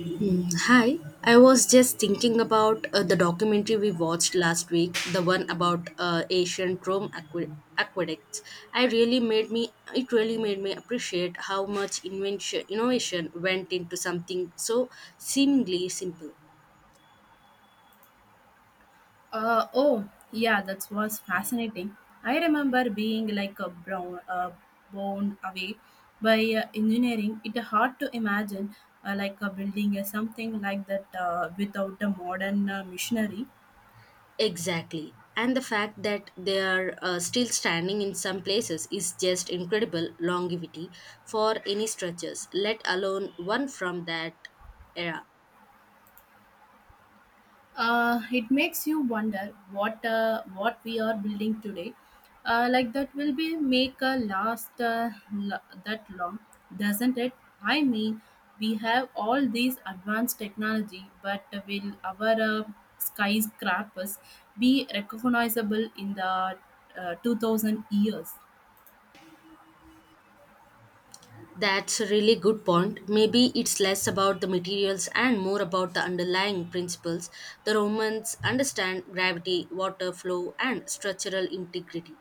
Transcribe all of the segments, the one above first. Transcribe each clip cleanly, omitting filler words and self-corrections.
Mm, hi. I was just thinking about the documentary we watched last week, the one about ancient Rome aqueducts. I really made me it really made me appreciate how much invention innovation went into something so seemingly simple. Oh, yeah, that was fascinating. I remember being like blown away by engineering. It's hard to imagine like a building something like that without a modern machinery. Exactly, and the fact that they are still standing in some places is just incredible longevity for any structures, let alone one from that era. It makes you wonder what we are building today, like that will be make a last, that long, doesn't it? I mean, we have all these advanced technology, but will our skyscrapers be recognizable in the 2000 years? That's a really good point. Maybe it's less about the materials and more about the underlying principles. The Romans understand gravity, water flow, and structural integrity.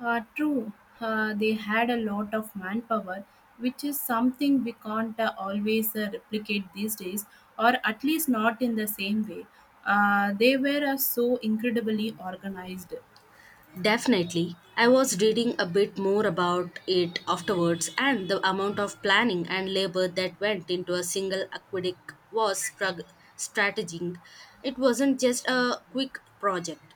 True, they had a lot of manpower, which is something we can't always replicate these days, or at least not in the same way. They were so incredibly organized. Definitely. I was reading a bit more about it afterwards, and the amount of planning and labor that went into a single aqueduct was strategic. It wasn't just a quick project.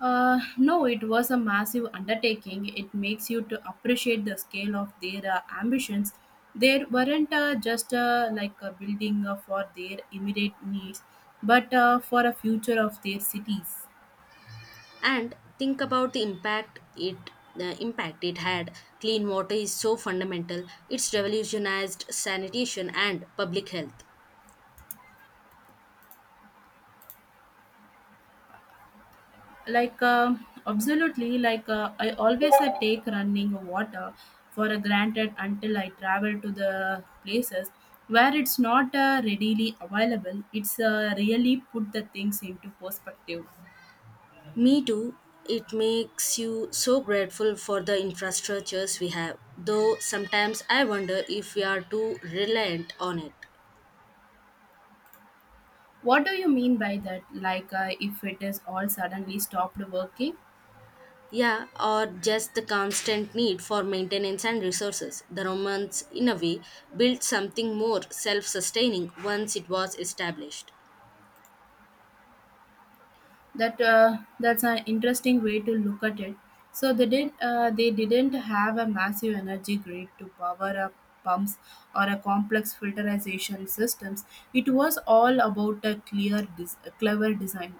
No, it was a massive undertaking. It makes you to appreciate the scale of their ambitions. They weren't just like a building for their immediate needs, but for a future of their cities. And think about the impact it had. Clean water is so fundamental. It's revolutionized sanitation and public health. Absolutely. Like, I always take running water for a granted until I travel to the places where it's not readily available. It's really put the things into perspective. Me too. It makes you so grateful for the infrastructures we have, though sometimes I wonder if we are too reliant on it. What do you mean by that? Like, if it is all suddenly stopped working? Yeah, or just the constant need for maintenance and resources. The Romans in a way built something more self-sustaining once it was established. That's an interesting way to look at it. So they didn't have a massive energy grid to power up pumps or a complex filterization systems. It was all about a clever design.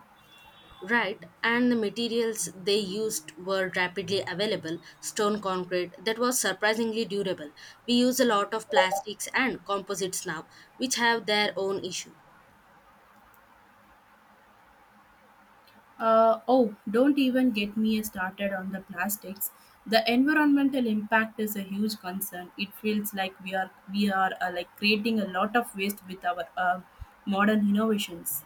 Right, and the materials they used were rapidly available stone concrete that was surprisingly durable. We use a lot of plastics and composites now, which have their own issue. Oh, don't even get me started on the plastics. The environmental impact is a huge concern. It feels like we are like creating a lot of waste with our modern innovations.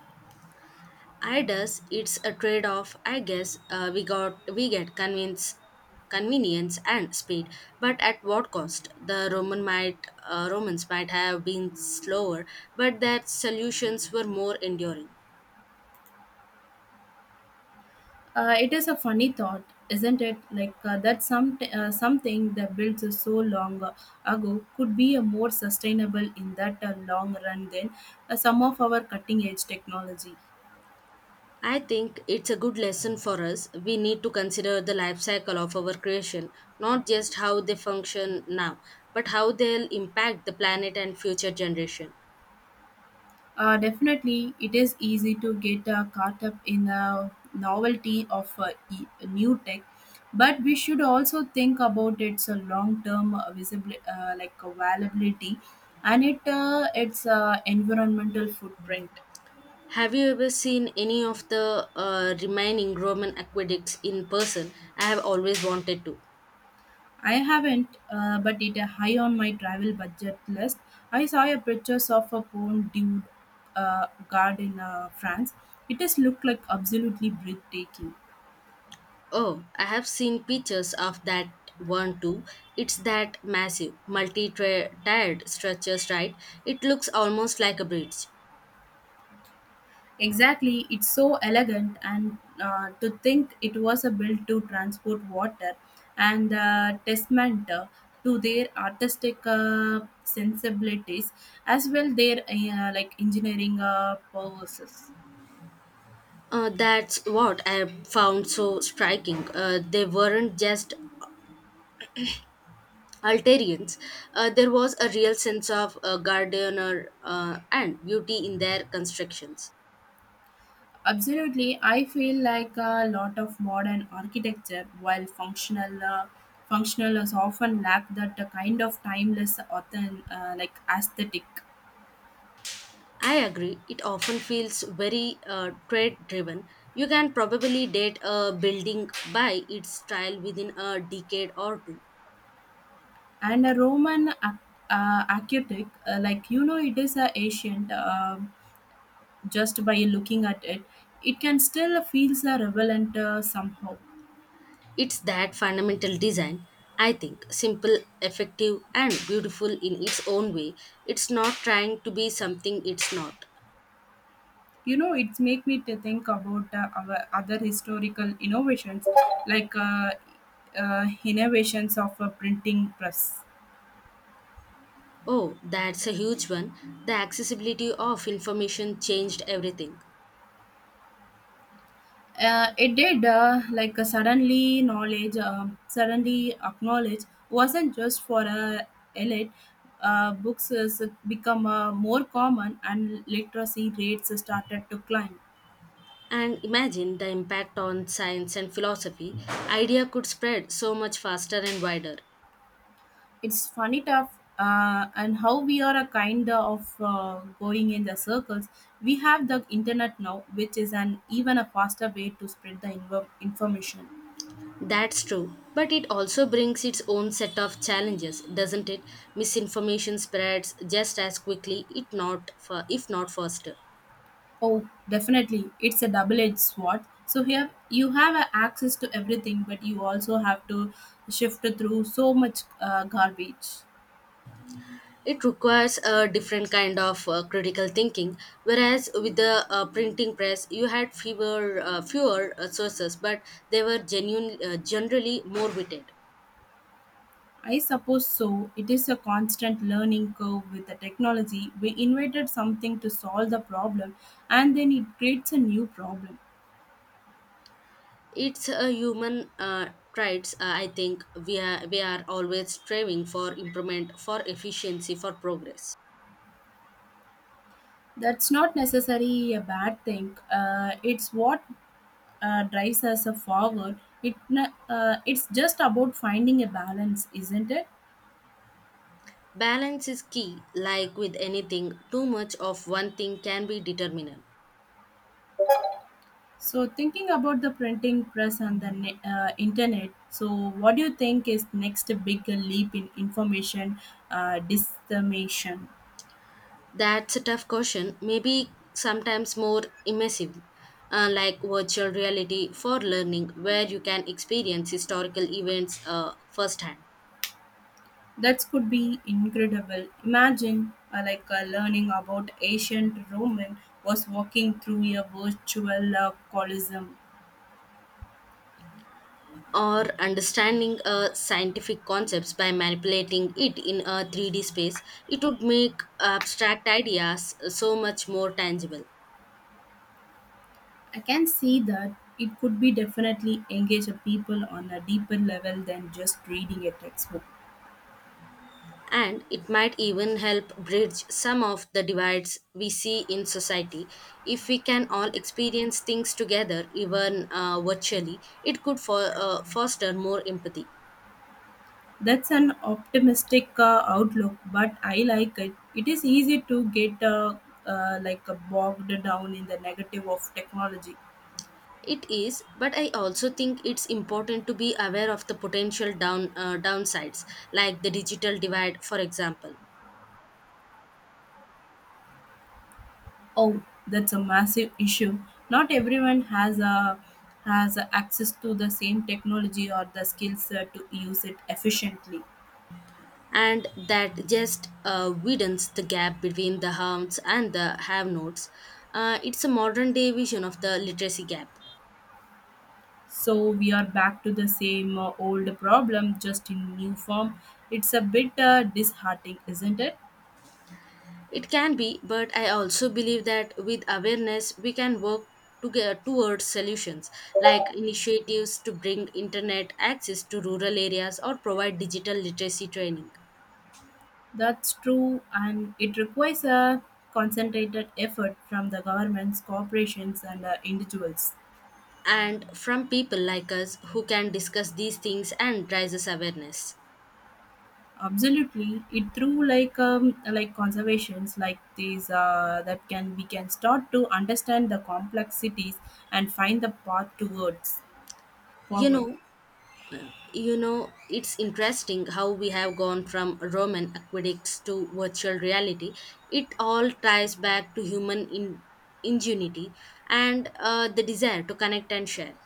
I does, it's a trade off, I guess. We get convince convenience and speed, but at what cost? The roman might romans might have been slower, but their solutions were more enduring. It is a funny thought, isn't it? Like, that something that built so long ago could be a more sustainable in that long run than some of our cutting edge technology. I think it's a good lesson for us. We need to consider the life cycle of our creation, not just how they function now, but how they'll impact the planet and future generation. Definitely, it is easy to get caught up in the novelty of new tech, but we should also think about its long term visible like availability and it its environmental footprint. Have you ever seen any of the remaining Roman aqueducts in person? I have always wanted to. I haven't, but it's high on my travel budget list. I saw a pictures of a Pond du Gard in France. It does look like absolutely breathtaking. Oh, I have seen pictures of that one too. It's that massive, multi-tiered structures, right? It looks almost like a bridge. Exactly, it's so elegant, and to think it was a built to transport water and testament, to their artistic sensibilities as well their like engineering purposes. That's what I found so striking. They weren't just Altarians. There was a real sense of gardener and beauty in their constructions. Absolutely, I feel like a lot of modern architecture, while functional is often lack that kind of timeless, like aesthetic. I agree. It often feels very trade driven. You can probably date a building by its style within a decade or two. And a Roman architect, like, you know, it is a ancient. Just by looking at it, it can still feels a relevant somehow. It's that fundamental design, I think, simple, effective, and beautiful in its own way. It's not trying to be something it's not. You know, it's make me to think about our other historical innovations, like, innovations of a printing press. Oh, that's a huge one. The accessibility of information changed everything. It did, like, suddenly acknowledge wasn't just for a elite. Books has become more common, and literacy rates started to climb. And imagine the impact on science and philosophy. Idea could spread so much faster and wider. It's funny tough, and how we are a kind of going in the circles. We have the internet now, which is an even a faster way to spread the information. That's true, but it also brings its own set of challenges, doesn't it? Misinformation spreads just as quickly, it not for, if not faster. Oh, definitely. It's a double-edged sword. So here you have access to everything, but you also have to shift through so much garbage. It requires a different kind of critical thinking, whereas with the printing press, you had fewer sources, but they were genuine, generally more witted. I suppose so. It is a constant learning curve with the technology. We invented something to solve the problem, and then it creates a new problem. It's a human traits. I think we are always striving for improvement, for efficiency, for progress. That's not necessarily a bad thing. It's what drives us forward. It's just about finding a balance, isn't it? Balance is key. Like with anything, too much of one thing can be determinant. So, thinking about the printing press and the internet, so what do you think is next big leap in information dissemination? That's a tough question. Maybe sometimes more immersive, like virtual reality for learning, where you can experience historical events firsthand, That could be incredible. Imagine like, learning about ancient Roman was walking through a virtual colosseum. or understanding scientific concepts by manipulating it in a 3D space. It would make abstract ideas so much more tangible. I can see that it could be definitely engage a people on a deeper level than just reading a textbook. And it might even help bridge some of the divides we see in society. If we can all experience things together, even virtually, it could for foster more empathy. That's an optimistic outlook, but I like it. It is easy to get like, bogged down in the negative of technology. It is, but I also think it's important to be aware of the potential downsides, like the digital divide, for example, Oh, that's a massive issue. Not everyone has a access to the same technology or the skills to use it efficiently. and that just widens the gap between the haves and the have-nots. It's a modern day vision of the literacy gap. So we are back to the same old problem, just in new form. It's a bit disheartening, isn't it? It can be, but I also believe that with awareness, we can work together towards solutions like initiatives to bring internet access to rural areas or provide digital literacy training. That's true, and it requires a concentrated effort from the governments, corporations, and individuals. And from people like us who can discuss these things and raises awareness. Absolutely, it through like conservations like these that can we can start to understand the complexities and find the path towards You forward. know, You know, it's interesting how we have gone from Roman aqueducts to virtual reality. It all ties back to human ingenuity and the desire to connect and share.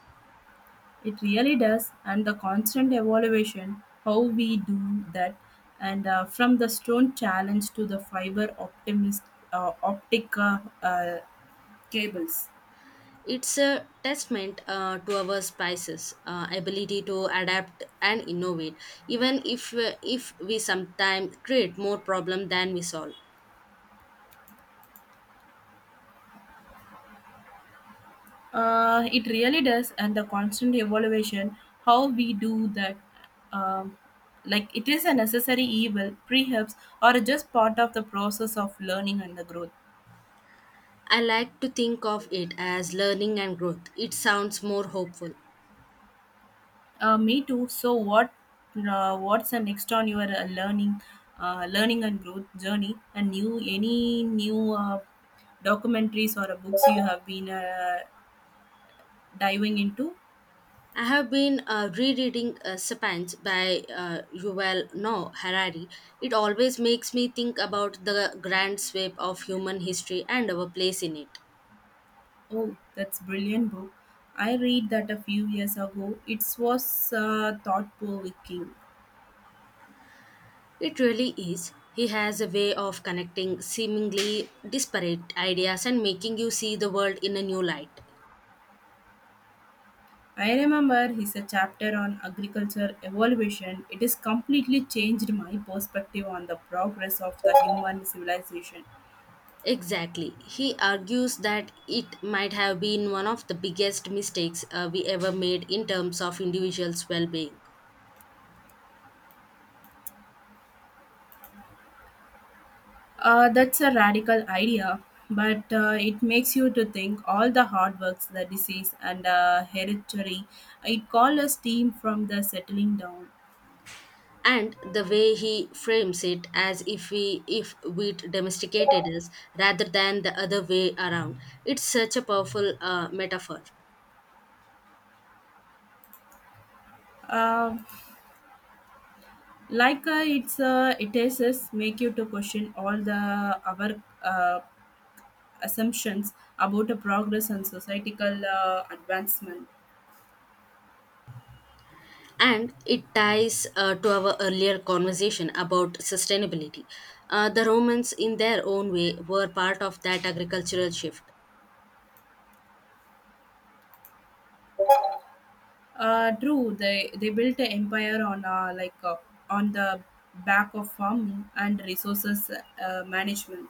It really does, and the constant evaluation how we do that, and from the stone challenge to the fiber optimist optic cables. It's a testament to our spices, ability to adapt and innovate, even if we sometimes create more problem than we solve. It really does, and the constant evaluation, how we do that, um, like it is a necessary evil, perhaps, or just part of the process of learning and the growth. I like to think of it as learning and growth. It sounds more hopeful. Me too. So, what's the next on your learning and growth journey? Any new documentaries or books you have been diving into? I have been rereading Sapiens by Yuval Noah Harari. It always makes me think about the grand sweep of human history and our place in it. Oh, that's brilliant book. I read that a few years ago. It was thought-provoking. It really is. He has a way of connecting seemingly disparate ideas and making you see the world in a new light. I remember his a chapter on agriculture evolution. It has completely changed my perspective on the progress of the human civilization. Exactly. He argues that it might have been one of the biggest mistakes we ever made in terms of individuals' well being. That's a radical idea, but it makes you to think all the hard works, the disease, and hereditary. It call us team from the settling down. And the way he frames it, as if we if wheat domesticated us rather than the other way around, it's such a powerful metaphor. Uh, like, it is make you to question all the our uh, assumptions about the progress and societal advancement. And it ties to our earlier conversation about sustainability. The romans in their own way were part of that agricultural shift. True, they built an empire on like, on the back of farming and resources management.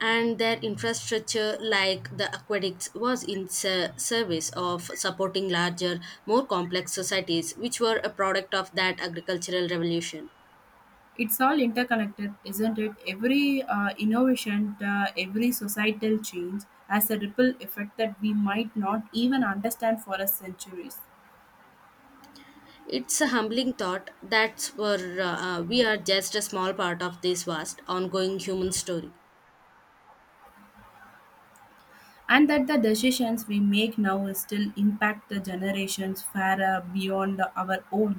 And their infrastructure like the aqueducts was in service of supporting larger more complex societies which were a product of that agricultural revolution. It's all interconnected, isn't it? Every innovation, every societal change has a ripple effect that we might not even understand for a centuries. It's a humbling thought that where we are just a small part of this vast ongoing human story. And that the decisions we make now will still impact the generations far beyond our own.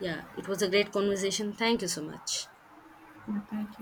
Yeah, it was a great conversation. Thank you so much. Yeah, thank you.